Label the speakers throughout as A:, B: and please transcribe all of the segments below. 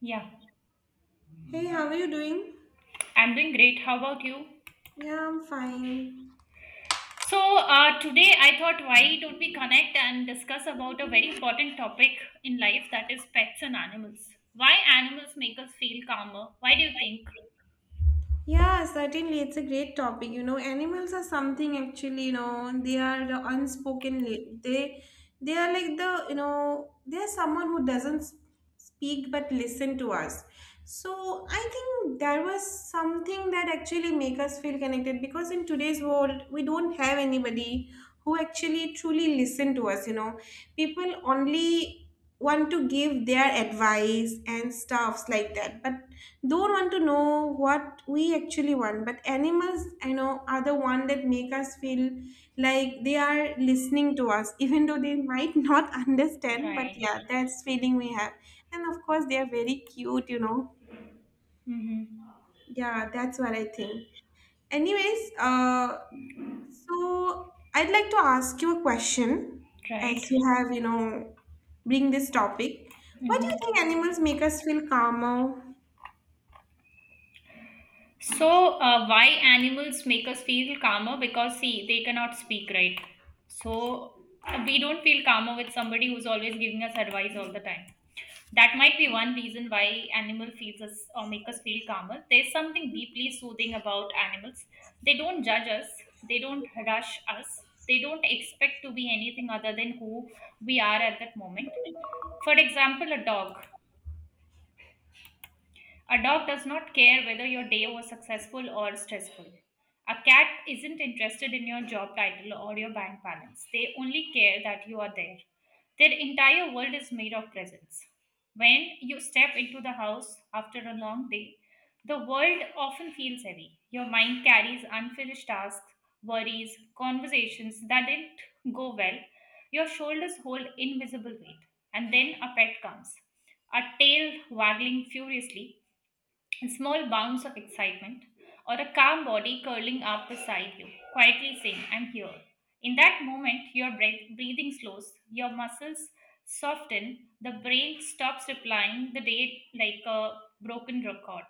A: Yeah,
B: Hey, how are you doing?
A: I'm doing great. How about you?
B: Yeah, I'm fine.
A: So, today I thought, why don't we connect and discuss about a very important topic in life that is pets and animals? Why animals make us feel calmer? Why do you think?
B: Yeah, certainly. It's a great topic. You know, animals are something actually, you know, they are the unspoken. They are like the, you know, they are someone who doesn't s- speak but listen to us. So I think there was something that actually make us feel connected because in today's world we don't have anybody who actually truly listen to us, you know. People only want to give their advice and stuffs like that but don't want to know what we actually want but animals I know are the one that make us feel like they are listening to us even though they might not understand but
A: Right.
B: yeah, that's feeling we have, and of course they are very cute, you know.
A: Mm-hmm.
B: Yeah, that's what I think. Anyways, so I'd like to ask you a question as
A: Right.
B: you have, you know, bring this topic. Why do you
A: Mm-hmm.
B: think animals make us feel calmer?
A: So, why animals make us feel calmer? Because, see, they cannot speak, right? So, we don't feel calmer with somebody who's always giving us advice all the time. That might be one reason why animal feels us or make us feel calmer. There's something deeply soothing about animals. They don't judge us, they don't rush us, they don't expect to be anything other than who we are at that moment. For example, a dog does not care whether your day was successful or stressful. A cat isn't interested in your job title or your bank balance. They only care that you are there. Their entire world is made of presence. When you step into the house after a long day, the world often feels heavy. Your mind carries unfinished tasks, worries, conversations that didn't go well. Your shoulders hold invisible weight. And then a pet comes, a tail waggling furiously, a small bounce of excitement, or a calm body curling up beside you, quietly saying, "I'm here." In that moment, your breathing slows, your muscles soften, the brain stops replying the day like a broken record.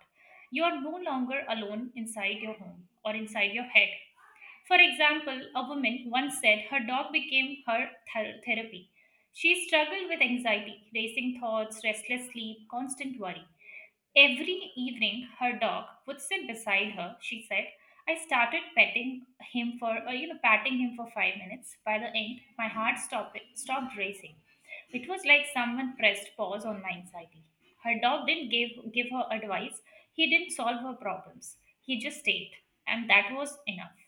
A: You are no longer alone inside your home or inside your head. For example, a woman once said her dog became her therapy. She struggled with anxiety, racing thoughts, restless sleep, constant worry. Every evening, her dog would sit beside her. She said, "I started petting him, or patting him for 5 minutes. By the end, my heart stopped racing. It was like someone pressed pause on my anxiety. Her dog didn't give her advice. He didn't solve her problems. He just stayed, and that was enough."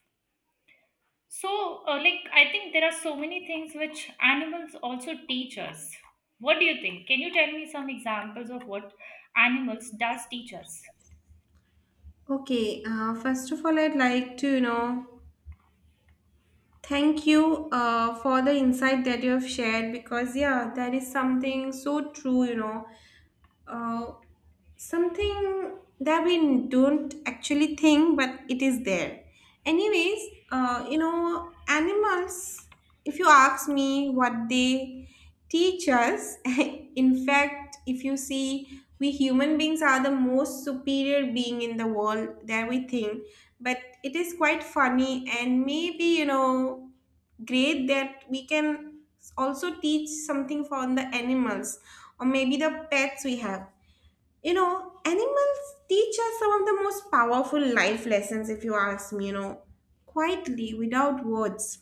A: So, like, I think there are so many things which animals also teach us. What do you think? Can you tell me some examples of what animals does teach us?
B: Okay, first of all, I'd like to, you know, thank you for the insight that you have shared because, yeah, that is something so true, you know. Uh, Something that we don't actually think but it is there. Anyways, you know, animals, if you ask me what they teach us. In fact, if you see, we human beings are the most superior being in the world that we think, but it is quite funny and maybe, you know, great that we can also teach something for the animals or maybe the pets we have. You know, animals teach us some of the most powerful life lessons, if you ask me, you know, quietly, without words.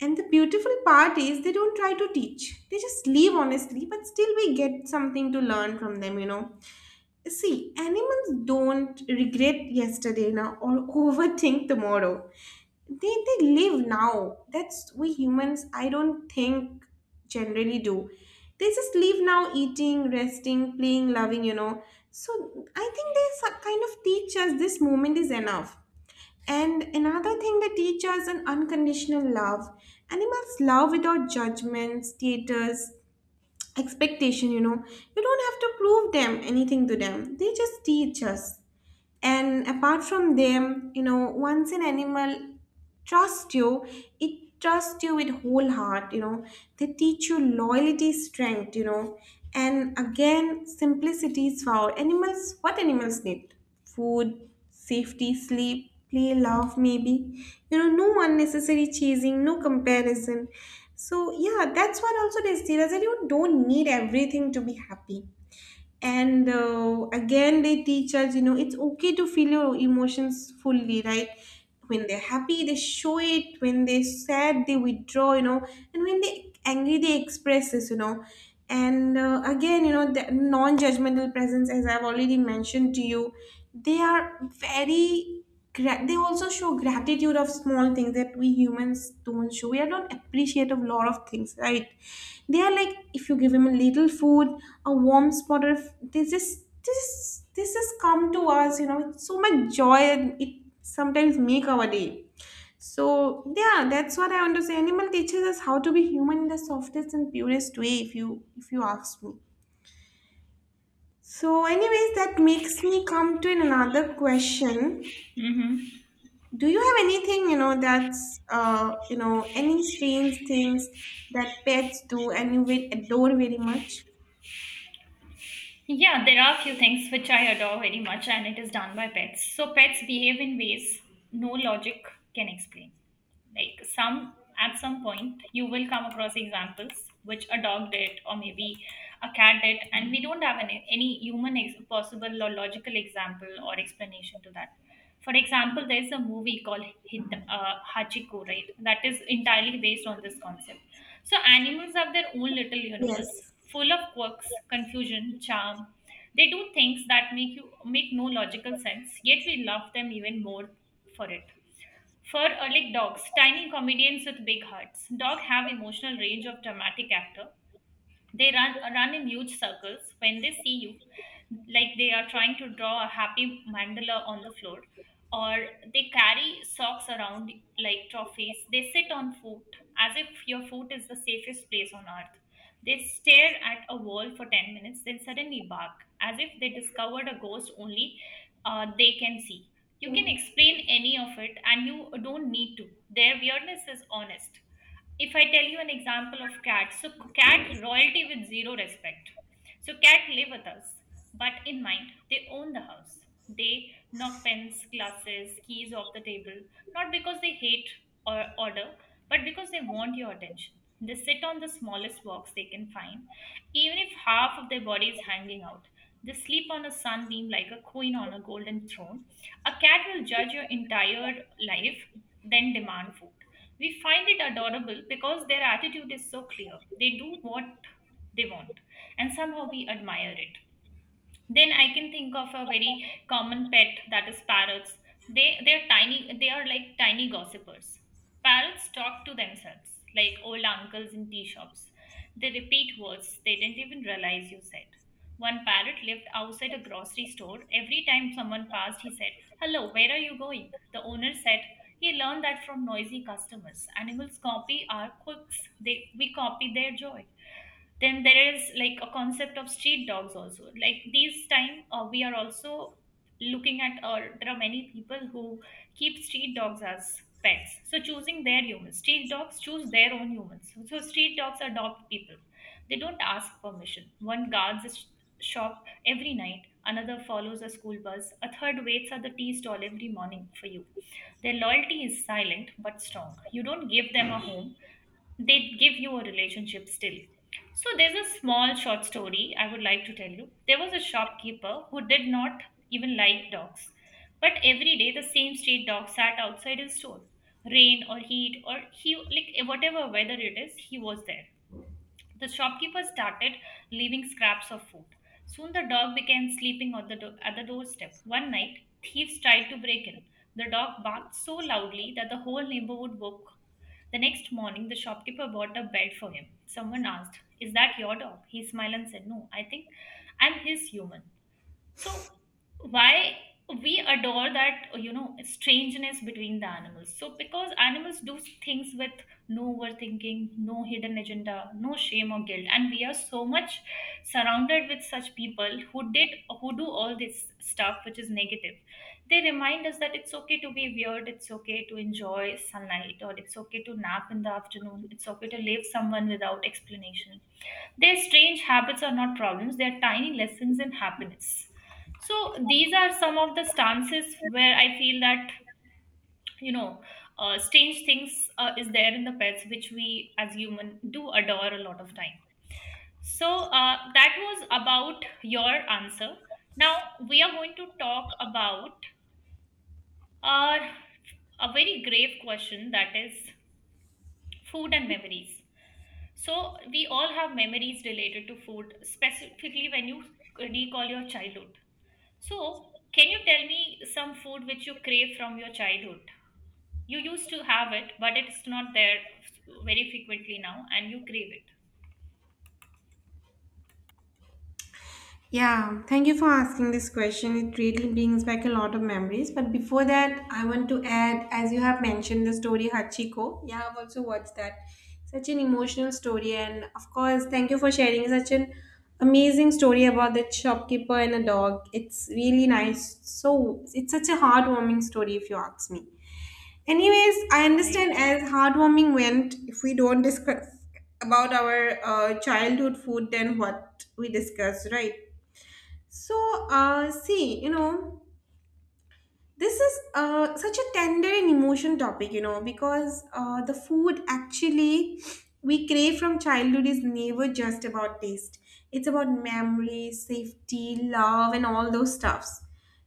B: And the beautiful part is they don't try to teach. They just leave honestly, but still we get something to learn from them, you know. See, animals don't regret yesterday now or overthink tomorrow. They live now. That's we humans, I don't think, generally do. They just live now, eating, resting, playing, loving, you know. So I think they kind of teach us this moment is enough. And another thing, they teach us an unconditional love. Animals love without judgment, status, expectation, you know. You don't have to prove them anything to them. They just teach us. And apart from them, you know, once an animal trusts you, it trusts you with whole heart, you know. They teach you loyalty, strength, you know. And again, simplicity is found. Animals, what animals need? Food, safety, sleep, play, love, maybe. You know, no unnecessary chasing, no comparison. So yeah, that's what also they see. That you don't need everything to be happy. And again, they teach us, you know, it's okay to feel your emotions fully, right? When they're happy, they show it. When they're sad, they withdraw, you know. And when they are angry, they express this, you know. And again, you know, the non-judgmental presence, as I've already mentioned to you, they are very they also show gratitude of small things that we humans don't show. We are not appreciative of lot of things, right? They are like, if you give him a little food, a warm spot of this, is this, this has come to us, you know, with so much joy, and it sometimes make our day. So yeah, that's what I want to say. Animal teaches us how to be human in the softest and purest way, if you ask me. So anyways, that makes me come to another question.
A: Hmm.
B: Do you have anything, you know, that's, you know, any strange things that pets do and you will adore very much?
A: Yeah, there are a few things which I adore very much, and it is done by pets. So, pets behave in ways no logic can explain. Like, some at some point you will come across examples which a dog did or maybe a cat did, and we don't have any human possible or logical example or explanation to that. For example, there's a movie called Hachiko, right? That is entirely based on this concept. So animals have their own little universe,
B: Yes.
A: full of quirks, confusion, charm. They do things that make you make no logical sense, yet we love them even more for it. For like, dogs, tiny comedians with big hearts. Dogs have emotional range of dramatic actor. They run in huge circles when they see you, like they are trying to draw a happy mandala on the floor, or they carry socks around like trophies. They sit on foot as if your foot is the safest place on earth. They stare at a wall for 10 minutes, then suddenly bark as if they discovered a ghost only they can see. You can explain any of it and you don't need to. Their weirdness is honest. If I tell you an example of cat, so cat royalty with zero respect. So cat live with us, but in mind they own the house. They knock pens, glasses, keys off the table, not because they hate or order, but because they want your attention. They sit on the smallest box they can find, even if half of their body is hanging out. They sleep on a sunbeam like a queen on a golden throne. A cat will judge your entire life, then demand food. We find it adorable because their attitude is so clear. They do what they want, and somehow we admire it. Then I can think of a very common pet that is parrots. They're tiny. They are like tiny gossipers. Parrots talk to themselves like old uncles in tea shops. They repeat words they didn't even realize you said. One parrot lived outside a grocery store. Every time someone passed, he said, "Hello, where are you going?" The owner said, "He learned that from noisy customers. Animals copy our quirks. They we copy their joy." Then there is like a concept of street dogs also. Like these time, we are also looking at, or there are many people who keep street dogs as pets. So, choosing their humans, street dogs choose their own humans. So street dogs adopt people, they don't ask permission. One guards a shop every night, another follows a school bus, a third waits at the tea stall every morning for you. Their loyalty is silent but strong. You don't give them a home, they give you a relationship still. So there's a small short story I would like to tell you. There was a shopkeeper who did not even like dogs. But every day the same street dog sat outside his store. Rain or heat or he, like, whatever weather it is, he was there. The shopkeeper started leaving scraps of food. Soon the dog began sleeping on the at the doorstep. One night, thieves tried to break in. The dog barked so loudly that the whole neighborhood woke. The next morning, the shopkeeper bought a bed for him. Someone asked, "Is that your dog?" He smiled and said, "No, I think I'm his human." So, why we adore that, strangeness between the animals, so because animals do things with no overthinking, no hidden agenda, no shame or guilt, and we are so much surrounded with such people who do all this stuff which is negative. They remind us that it's okay to be weird, it's okay to enjoy sunlight, or it's okay to nap in the afternoon, it's okay to leave someone without explanation. Their strange habits are not problems, they are tiny lessons in happiness. So, these are some of the stances where I feel that, you know, strange things is there in the pets, which we as human do adore a lot of time. So, that was about your answer. Now, we are going to talk about uh, a very grave question that is food and memories. So we all have memories related to food, specifically when you recall your childhood. So can you tell me some food which you crave from your childhood? You used to have it, but it's not there very frequently now, and you crave it.
B: Yeah, thank you for asking this question. It really brings back a lot of memories. But before that, I want to add, as you have mentioned, the story Hachiko. Yeah, I've also watched that. Such an emotional story. And of course, thank you for sharing such an amazing story about the shopkeeper and a dog. It's really nice. So, it's such a heartwarming story, if you ask me. Anyways, I understand
A: Right.
B: as heartwarming went, if we don't discuss about our childhood food, then what we discuss, right? So, see, you know. This is such a tender and emotion topic, you know, because the food actually we crave from childhood is never just about taste. It's about memory, safety, love, and all those stuffs.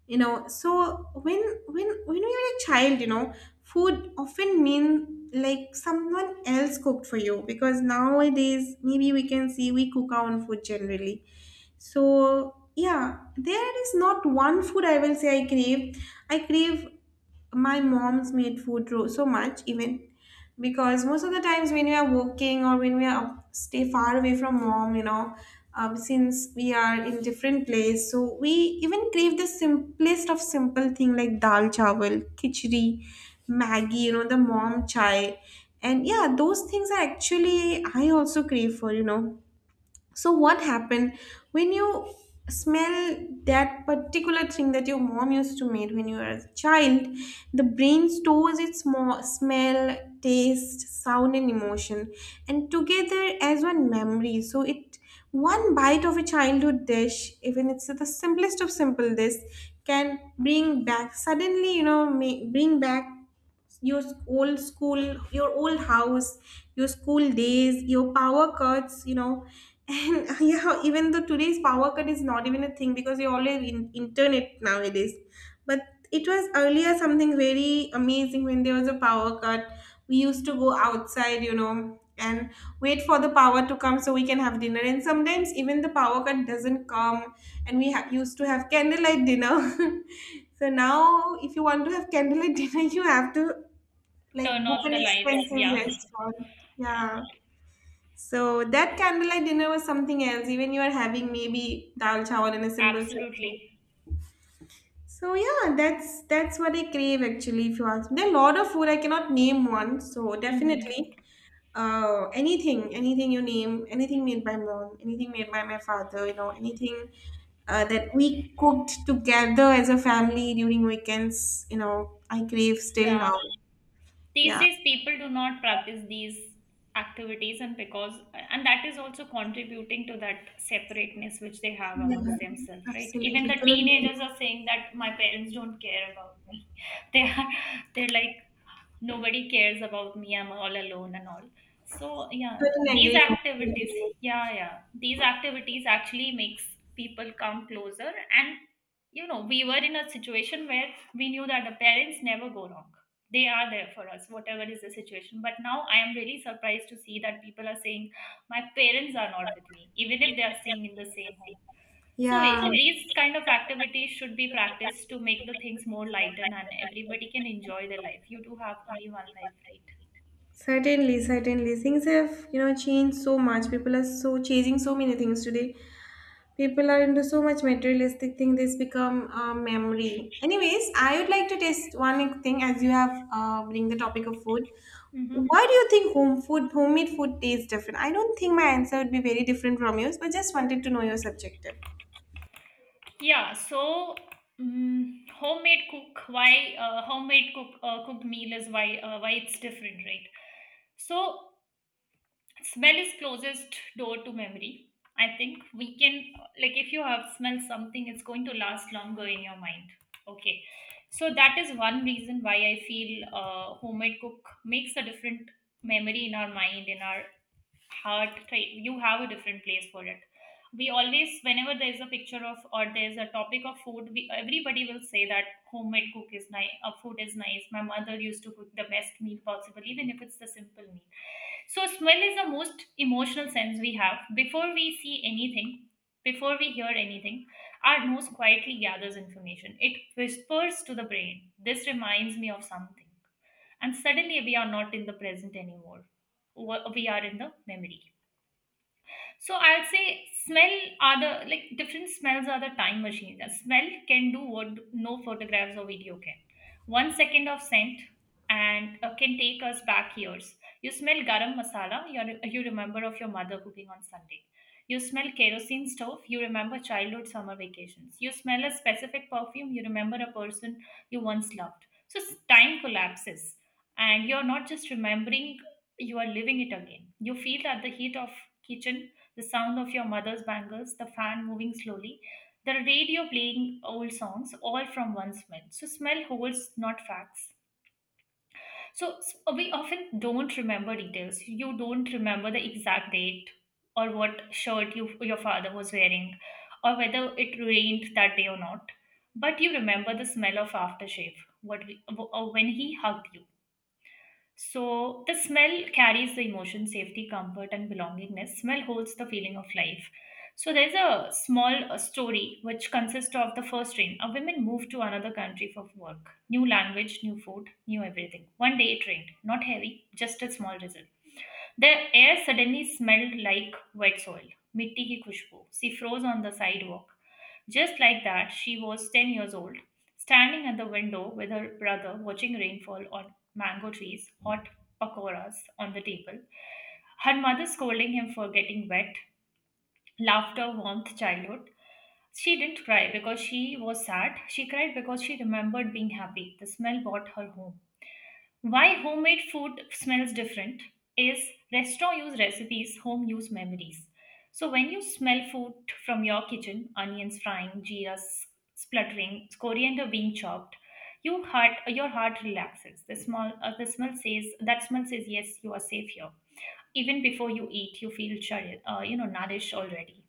B: You know, so when you're a child, you know, food often mean like someone else cooked for you, because nowadays maybe we can see we cook our own food generally. So, yeah, there is not one food I will say I crave. I crave my mom's made food so much, even because most of the times when we are working or when we are stay far away from mom, you know, since we are in different place, so we even crave the simplest of simple thing like dal chawal, khichdi, Maggie, you know, the mom chai. And yeah, those things are actually I also crave for, you know. So what happened when you smell that particular thing that your mom used to make when you were a child? The brain stores its smell, taste, sound, and emotion, and together as one memory. So it, one bite of a childhood dish, even it's the simplest of simple dish, can bring back suddenly. You know, may, bring back your old school, your old house, your school days, your power cuts, you know. And yeah, even though today's power cut is not even a thing because you always in internet nowadays, but it was earlier something very amazing when there was a power cut. We used to go outside, you know, and wait for the power to come so we can have dinner, and sometimes even the power cut doesn't come, and we used to have candlelight dinner. So now if you want to have candlelight dinner, you have to like
A: Turn
B: book
A: off
B: an
A: the lights.
B: expensive
A: Yeah.
B: restaurant.
A: Yeah.
B: Yeah. So that candlelight dinner was something else. Even you are having maybe dal chawal and a simple sabji.
A: Absolutely.
B: So yeah, that's what I crave actually. If you ask me, there are a lot of food I cannot name one. So definitely,
A: Mm-hmm.
B: anything, anything you name, anything made by mom, anything made by my father, you know, anything that we cooked together as a family during weekends, you know, I crave still
A: Yeah.
B: now.
A: These
B: Yeah.
A: days people do not practice these activities, and because, and that is also contributing to that separateness which they have
B: Yeah,
A: amongst themselves, right? Even
B: absolutely.
A: the teenagers are saying that my parents don't care about me. they are, they're like, nobody cares about me, I'm all alone and all. So yeah,
B: Couldn't
A: these
B: agree more with you.
A: activities,
B: So
A: yeah, yeah, these activities actually makes people come closer. And you know, we were in a situation where we knew that the parents never go wrong, they are there for us whatever is the situation. But now I am really surprised to see that people are saying my parents are not with me even if they are staying in the same home. So
B: yeah,
A: these kind of activities should be practiced to make the things more lightened and everybody can enjoy their life. You do have only one life, right?
B: certainly, certainly. Things have, you know, changed so much. People are so chasing so many things today. People are into so much materialistic thing, this become a memory. Anyways, I would like to test one thing, as you have bring the topic of food,
A: Mm-hmm.
B: why do you think home food, homemade food tastes different? I don't think my answer would be very different from yours, but just wanted to know your subjective.
A: Yeah. So homemade cook. Why homemade cook, cooked meal, is why it's different, right? So smell is closest door to memory. I think we can, like, if you have smelled something, it's going to last longer in your mind. Okay. So that is one reason why I feel homemade cook makes a different memory in our mind, in our heart, right? You have a different place for it. We always, whenever there is a picture of, or there is a topic of food, everybody will say that homemade cook is nice, food is nice, my mother used to cook the best meal possible even if it's the simple meal. So, smell is the most emotional sense we have. Before we see anything, before we hear anything, our nose quietly gathers information. It whispers to the brain, "This reminds me of something." And suddenly, we are not in the present anymore. We are in the memory. So I will say smell are the, like, different smells are the time machine. The smell can do what no photographs or video can. 1 second of scent and can take us back years. You smell garam masala, you remember of your mother cooking on Sunday. You smell kerosene stove, you remember childhood summer vacations. You smell a specific perfume, you remember a person you once loved. Time collapses, and you're not just remembering, you are living it again. You feel that the heat of kitchen, the sound of your mother's bangles, the fan moving slowly, the radio playing old songs, all from one smell. So, smell holds, not facts. We often don't remember details. You don't remember the exact date or what shirt your father was wearing or whether it rained that day or not. But you remember the smell of aftershave, what we, w- or when he hugged you, so the smell carries the emotion, safety, comfort, and belongingness. Smell holds the feeling of life. So there's a small story which consists of the first train. A woman moved to another country for work. New language, new food, new everything. One day it rained. Not heavy, just a small drizzle. The air suddenly smelled like wet soil, mitti ki khushbu. She froze on the sidewalk. Just like that, she was 10 years old, standing at the window with her brother watching rainfall on mango trees, hot pakoras on the table, her mother scolding him for getting wet, laughter warmed childhood. She didn't cry because she was sad. She cried because she remembered being happy. The smell brought her home. Why homemade food smells different is restaurant use recipes, home use memories. So when you smell food from your kitchen, onions frying, spluttering, coriander being chopped, your heart relaxes. The smell says yes, you are safe here. Even before you eat, you feel you know, nourished already.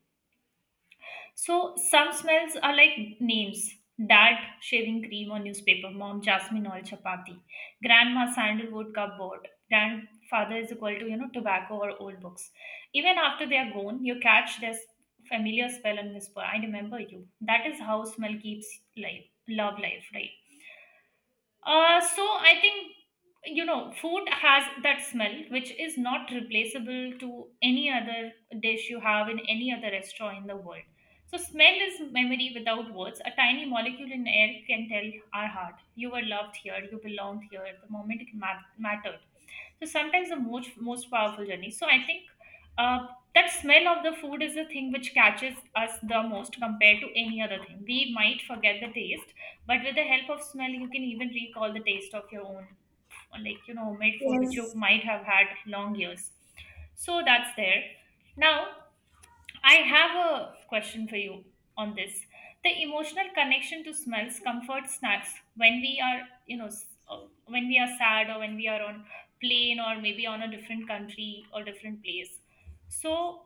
A: So some smells are like names. Dad shaving cream or newspaper, mom jasmine oil chapati, grandma sandalwood cupboard, grandfather is equal to you know tobacco or old books. Even after they are gone, you catch this familiar smell and whisper, "I remember you." That is how smell keeps life, love life, right? So I think you know food has that smell which is not replaceable to any other dish you have in any other restaurant in the world. So smell is memory without words. A tiny molecule in air can tell our heart, you were loved here, you belonged here. The moment it mattered. So sometimes the most powerful journey, so I think uh, that smell of the food is the thing which catches us the most compared to any other thing. We might forget the taste, but with the help of smell you can even recall the taste of your own, like you know, homemade food which you
B: Yes.
A: might have had long years. So that's there. Now, I have a question for you on this. The emotional connection to smells, comfort snacks when we are, you know, when we are sad or when we are on plane or maybe on a different country or different place. So,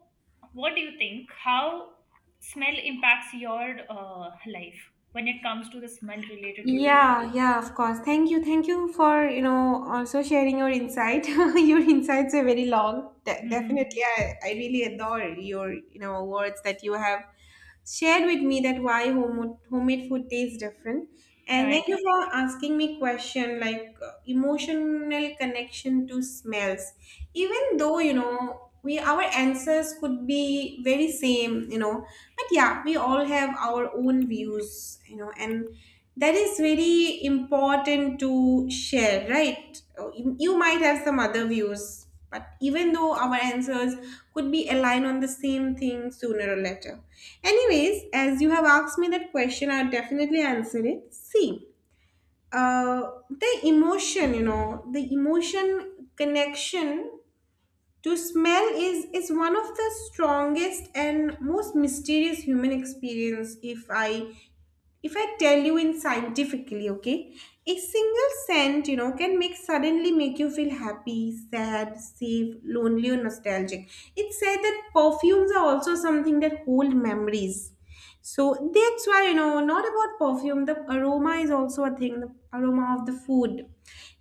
A: what do you think? How smell impacts your life when it comes to the smell related to food?
B: Yeah, yeah, of course. Thank you. Thank you for, you know, also sharing your insight. Your insights are very long. Definitely,
A: Hmm.
B: I really adore your, you know, words that you have shared with me that why homemade food tastes different. And
A: Right,
B: thank you for asking me question like emotional connection to smells. Even though, you know, we, our answers could be very same, you know, but yeah, we all have our own views, you know, and that is very important to share, right? Oh, you might have some other views, but even though our answers could be aligned on the same thing sooner or later. Anyways, as you have asked me that question, I'll definitely answer it. See, uh, the emotion, you know, the emotion connection to smell is one of the strongest and most mysterious human experience, if I, if I tell you in scientifically, okay, a single scent, you know, can make suddenly make you feel happy, sad, safe, lonely, or nostalgic. It's said that perfumes are also something that hold memories. So that's why, you know, not about perfume, the aroma is also a thing, the aroma of the food.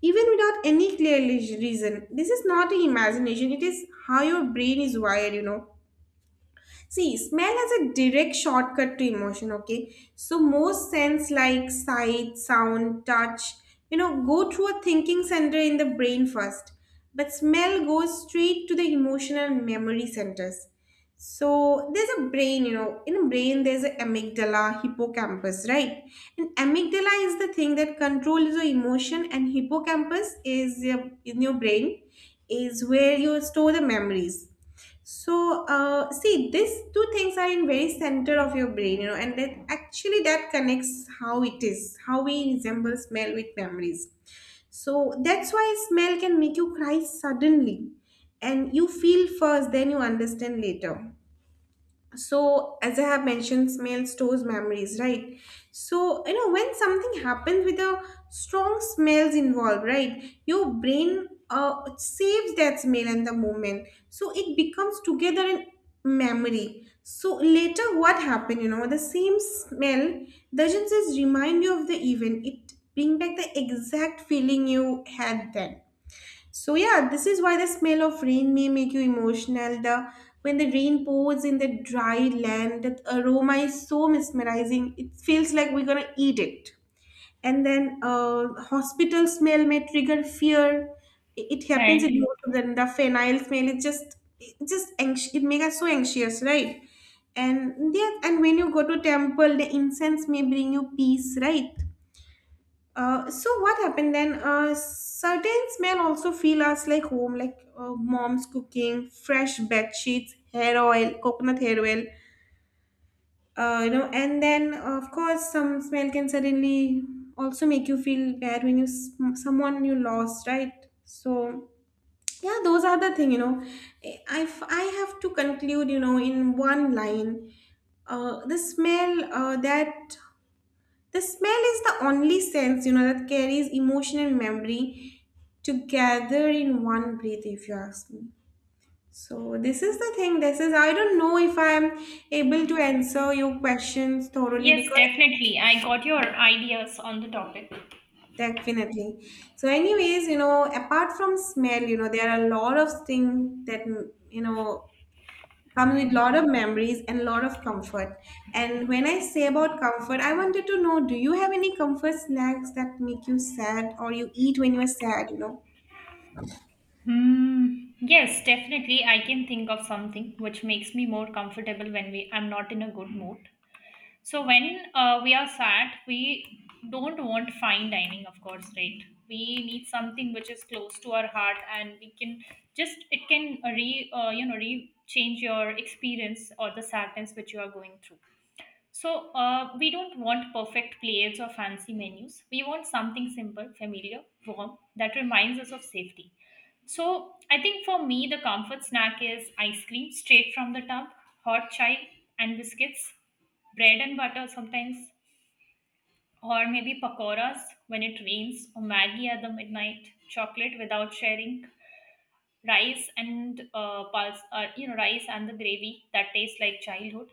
B: Even without any clear reason, this is not an imagination, it is how your brain is wired, you know. See, smell has a direct shortcut to emotion, okay? So most sense like sight, sound, touch, you know, go through a thinking center in the brain first. But smell goes straight to the emotional memory centers. So there's a brain, you know, in the brain there's a amygdala, hippocampus, right? And amygdala is the thing that controls your emotion, and hippocampus is your, in your brain is where you store the memories. So see, these two things are in very center of your brain, you know, and that actually that connects how it is, how we resemble smell with memories. So that's why smell can make you cry suddenly, and you feel first, then you understand later. So as I have mentioned, smell stores memories, right? So you know, when something happens with a strong smells involved, right, your brain saves that smell and the moment, so it becomes together in memory. So later what happened, you know, the same smell doesn't just remind you of the event, it bring back the exact feeling you had then. So yeah, this is why the smell of rain may make you emotional. The When the rain pours in the dry land, that aroma is so mesmerizing. It feels like we're gonna eat it. And then hospital smell may trigger fear. It happens in
A: right.
B: most of them. The phenyl smell is just, it just it makes us so anxious, right? And yeah, and when you go to temple, the incense may bring you peace, right? So what happened then? Certain smell also feel us like home, like mom's cooking, fresh bed sheets, hair oil, coconut hair oil. And then of course, some smell can suddenly also make you feel bad when you someone you lost, right? So yeah, those are the thing. You know, if I have to conclude, in one line, uh, the smell uh, that the smell is the only sense, that carries emotion and memory together in one breath, if you ask me. So this is the thing. This is, I don't know if I am able to answer your questions thoroughly,
A: Yes,
B: because
A: definitely. I got your ideas on the topic.
B: definitely. So anyways, you know, apart from smell, there are a lot of things that, you know come with lot of memories and lot of comfort. And when I say about comfort, I wanted to know, do you have any comfort snacks that make you sad or you eat when you are sad, you know?
A: Hmm. Yes, definitely. I can think of something which makes me more comfortable when we I'm not in a good mood. So when we are sad, we don't want fine dining, of course, right? We need something which is close to our heart, and we can just it can re you know, re change your experience or the sadness which you are going through. So, we don't want perfect plates or fancy menus. We want something simple, familiar, warm, that reminds us of safety. So, I think for me, the comfort snack is ice cream straight from the tub, hot chai and biscuits, bread and butter sometimes, or maybe pakoras when it rains, or Maggie at the midnight, chocolate without sharing, rice and you know, rice and the gravy that tastes like childhood.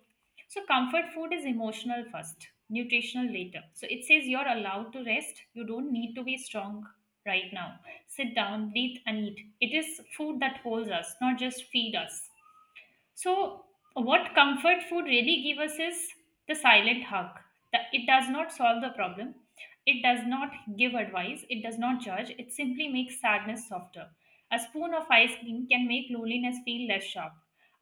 A: So comfort food is emotional first, nutritional later. So it says you're allowed to rest. You don't need to be strong right now. Sit down, breathe, and eat. It is food that holds us, not just feed us. So, what comfort food really gives us is the silent hug. It does not solve the problem. It does not give advice. It does not judge. It simply makes sadness softer. A spoon of ice cream can make loneliness feel less sharp.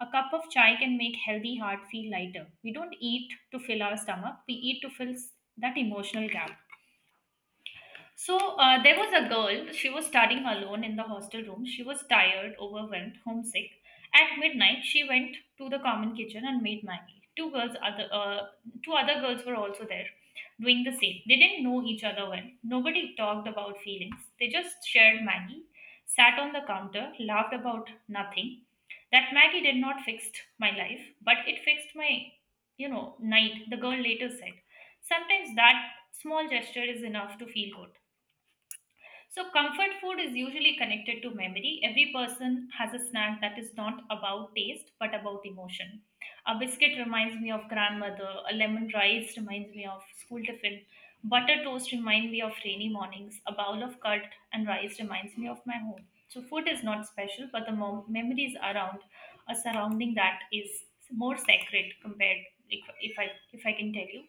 A: A cup of chai can make healthy heart feel lighter. We don't eat to fill our stomach. We eat to fill that emotional gap. So there was a girl, she was studying alone in the hostel room. She was tired, overwhelmed, homesick. At midnight, she went to the common kitchen and made Maggie. Two other girls were also there doing the same. They didn't know each other well. Nobody talked about feelings. They just shared Maggie, sat on the counter, laughed about nothing. That Maggie did not fix my life, but it fixed my, you know, night, the girl later said. Sometimes that small gesture is enough to feel good. So, comfort food is usually connected to memory. Every person has a snack that is not about taste but about emotion. A biscuit reminds me of grandmother, a lemon rice reminds me of school tiffin, butter toast reminds me of rainy mornings, a bowl of curd and rice reminds me of my home. So, food is not special, but the memories around a surrounding that is more sacred compared, if I can tell you.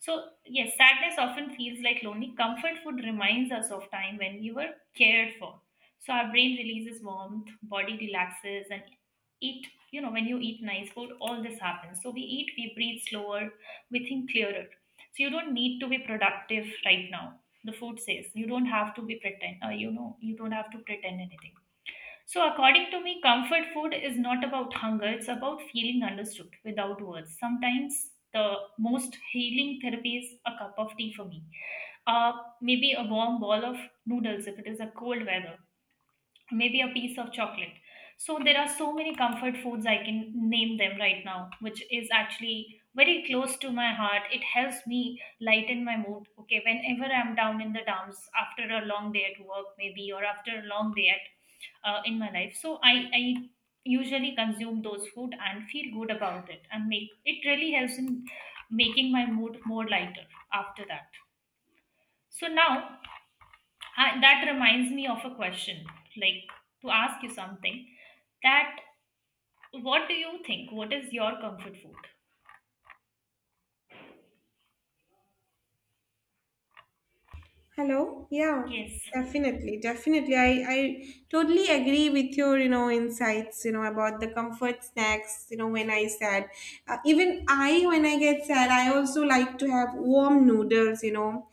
A: So, yes, sadness often feels like lonely. Comfort food reminds us of time when we were cared for. So, our brain releases warmth, body relaxes, and eat. You know, when you eat nice food, all this happens. So, we eat, we breathe slower, we think clearer. So, you don't need to be productive right now. The food says you don't have to be pretend, you know, you don't have to pretend anything. So, according to me, comfort food is not about hunger, it's about feeling understood without words. Sometimes the most healing therapy is a cup of tea for me, uh, maybe a warm ball of noodles if it is a cold weather, maybe a piece of chocolate. So there are so many comfort foods I can name them right now which is actually very close to my heart. It helps me lighten my mood, okay, whenever I'm down in the dumps after a long day at work maybe or after a long day at in my life. So i usually consume those food and feel good about it, and make it really helps in making my mood more lighter after that. So now I, that reminds me of a question, like to ask you something. That what do you think? What is your comfort food?
B: Hello? Yeah,
A: Yes,
B: definitely, definitely. I totally agree with your, insights, about the comfort snacks, you know, when I sad. Even I, when I get sad, I also like to have warm noodles, you know.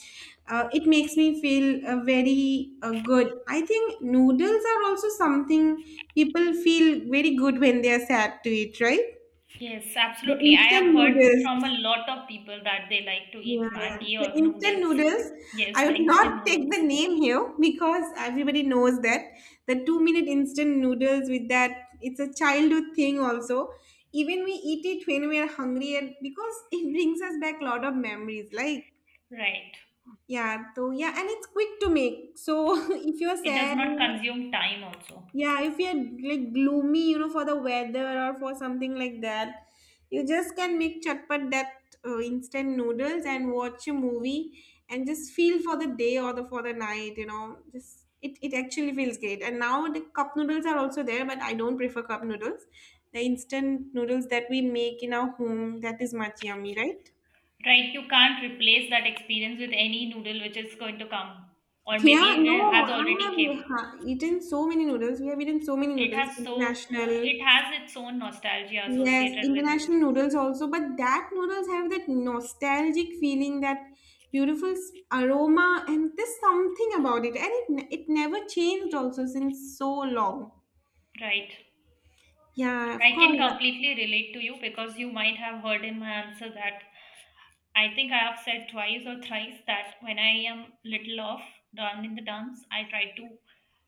B: It makes me feel very good. I think noodles are also something people feel very good when they are sad to eat, right?
A: yes,
B: The
A: absolutely. I have
B: instant
A: heard
B: noodles.
A: from a lot of people that they like to eat
B: Yeah, yeah.
A: Maggi
B: The
A: or
B: instant
A: noodles.
B: noodles,
A: Yes,
B: I
A: the
B: would
A: instant
B: not take the
A: noodles.
B: name here because everybody knows that the 2-minute instant noodles with that, it's a childhood thing also. Even we eat it when we are hungry, and because it brings us back a lot of memories. Like,
A: Right.
B: yeah, so yeah, and it's quick to make. So if you're
A: It does
B: sad,
A: not consume time also.
B: yeah, if you're like gloomy, you know, for the weather or for something like that, you just can make chatpat that instant noodles and watch a movie and just feel for the day or the for the night, you know. Just it actually feels great. And now the cup noodles are also there, but I don't prefer cup noodles. The instant noodles that we make in our home, that is much yummy, right?
A: Right, you can't replace that experience with any noodle which is going to come or
B: Yeah,
A: maybe it
B: no,
A: has
B: I
A: already came.
B: have eaten so many noodles. We have eaten so many
A: It
B: noodles,
A: has so
B: international.
A: it has its own nostalgia
B: Yes,
A: associated with us.
B: international noodles also, but that noodles have that nostalgic feeling, that beautiful aroma, and there's something about it, and it it never changed also since so long.
A: Right.
B: Yeah, of
A: I can
B: course.
A: completely relate to you because you might have heard in my answer that I think I have said twice or thrice that when I am little off, down in the dumps, I try to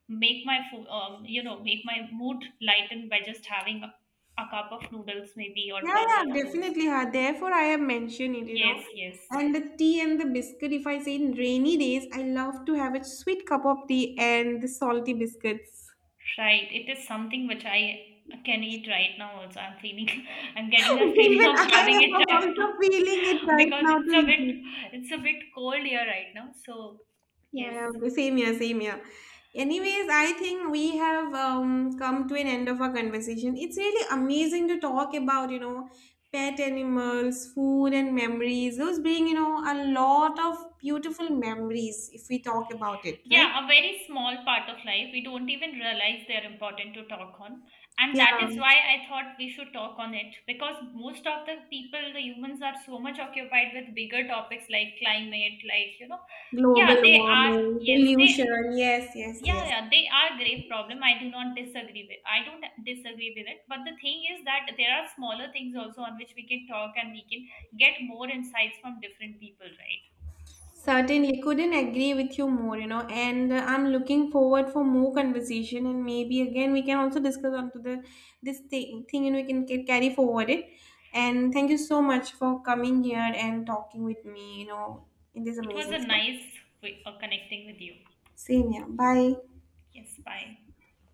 A: make my food, you know, make my mood lighten by just having a cup of noodles maybe or
B: Yeah,
A: bowl of
B: yeah,
A: noodles.
B: definitely. Huh. Therefore, I have mentioned it, you know.
A: Yes, yes.
B: And the tea and the biscuit, if I say in rainy days, I love to have a sweet cup of tea and the salty biscuits.
A: Right. It is something which I can eat right now also. I'm feeling I'm getting that feeling
B: Even
A: of
B: I
A: having it
B: am
A: right
B: also
A: now.
B: feeling it right
A: Because
B: now
A: it's
B: to
A: a
B: eat
A: bit
B: it.
A: cold here right now. So
B: Yeah,
A: yes.
B: yeah, the same here, same here. Anyways, I think we have come to an end of our conversation. It's really amazing to talk about, you know, pet animals, food, and memories. Those being, you know, a lot of beautiful memories if we talk about it, right?
A: Yeah, a very small part of life. We don't even realize they're important to talk on. And
B: Yeah,
A: that is why I thought we should talk on it because most of the people, the humans are so much occupied with bigger topics like climate, like, you know,
B: global
A: yeah, they are,
B: warming,
A: yes, they
B: pollution. Yes, yes,
A: yeah
B: yes.
A: they are grave problem, I do not disagree with, I don't disagree with it, but the thing is that there are smaller things also on which we can talk, and we can get more insights from different people, right? So
B: Certainly, couldn't agree with you more, you know, and I'm looking forward for more conversation, and maybe again we can also discuss onto the this thing, and we can carry forward it. And thank you so much for coming here and talking with me, you know, in this
A: it was a
B: amazing stuff.
A: nice way of connecting with you.
B: Same here. Bye.
A: Yes, bye.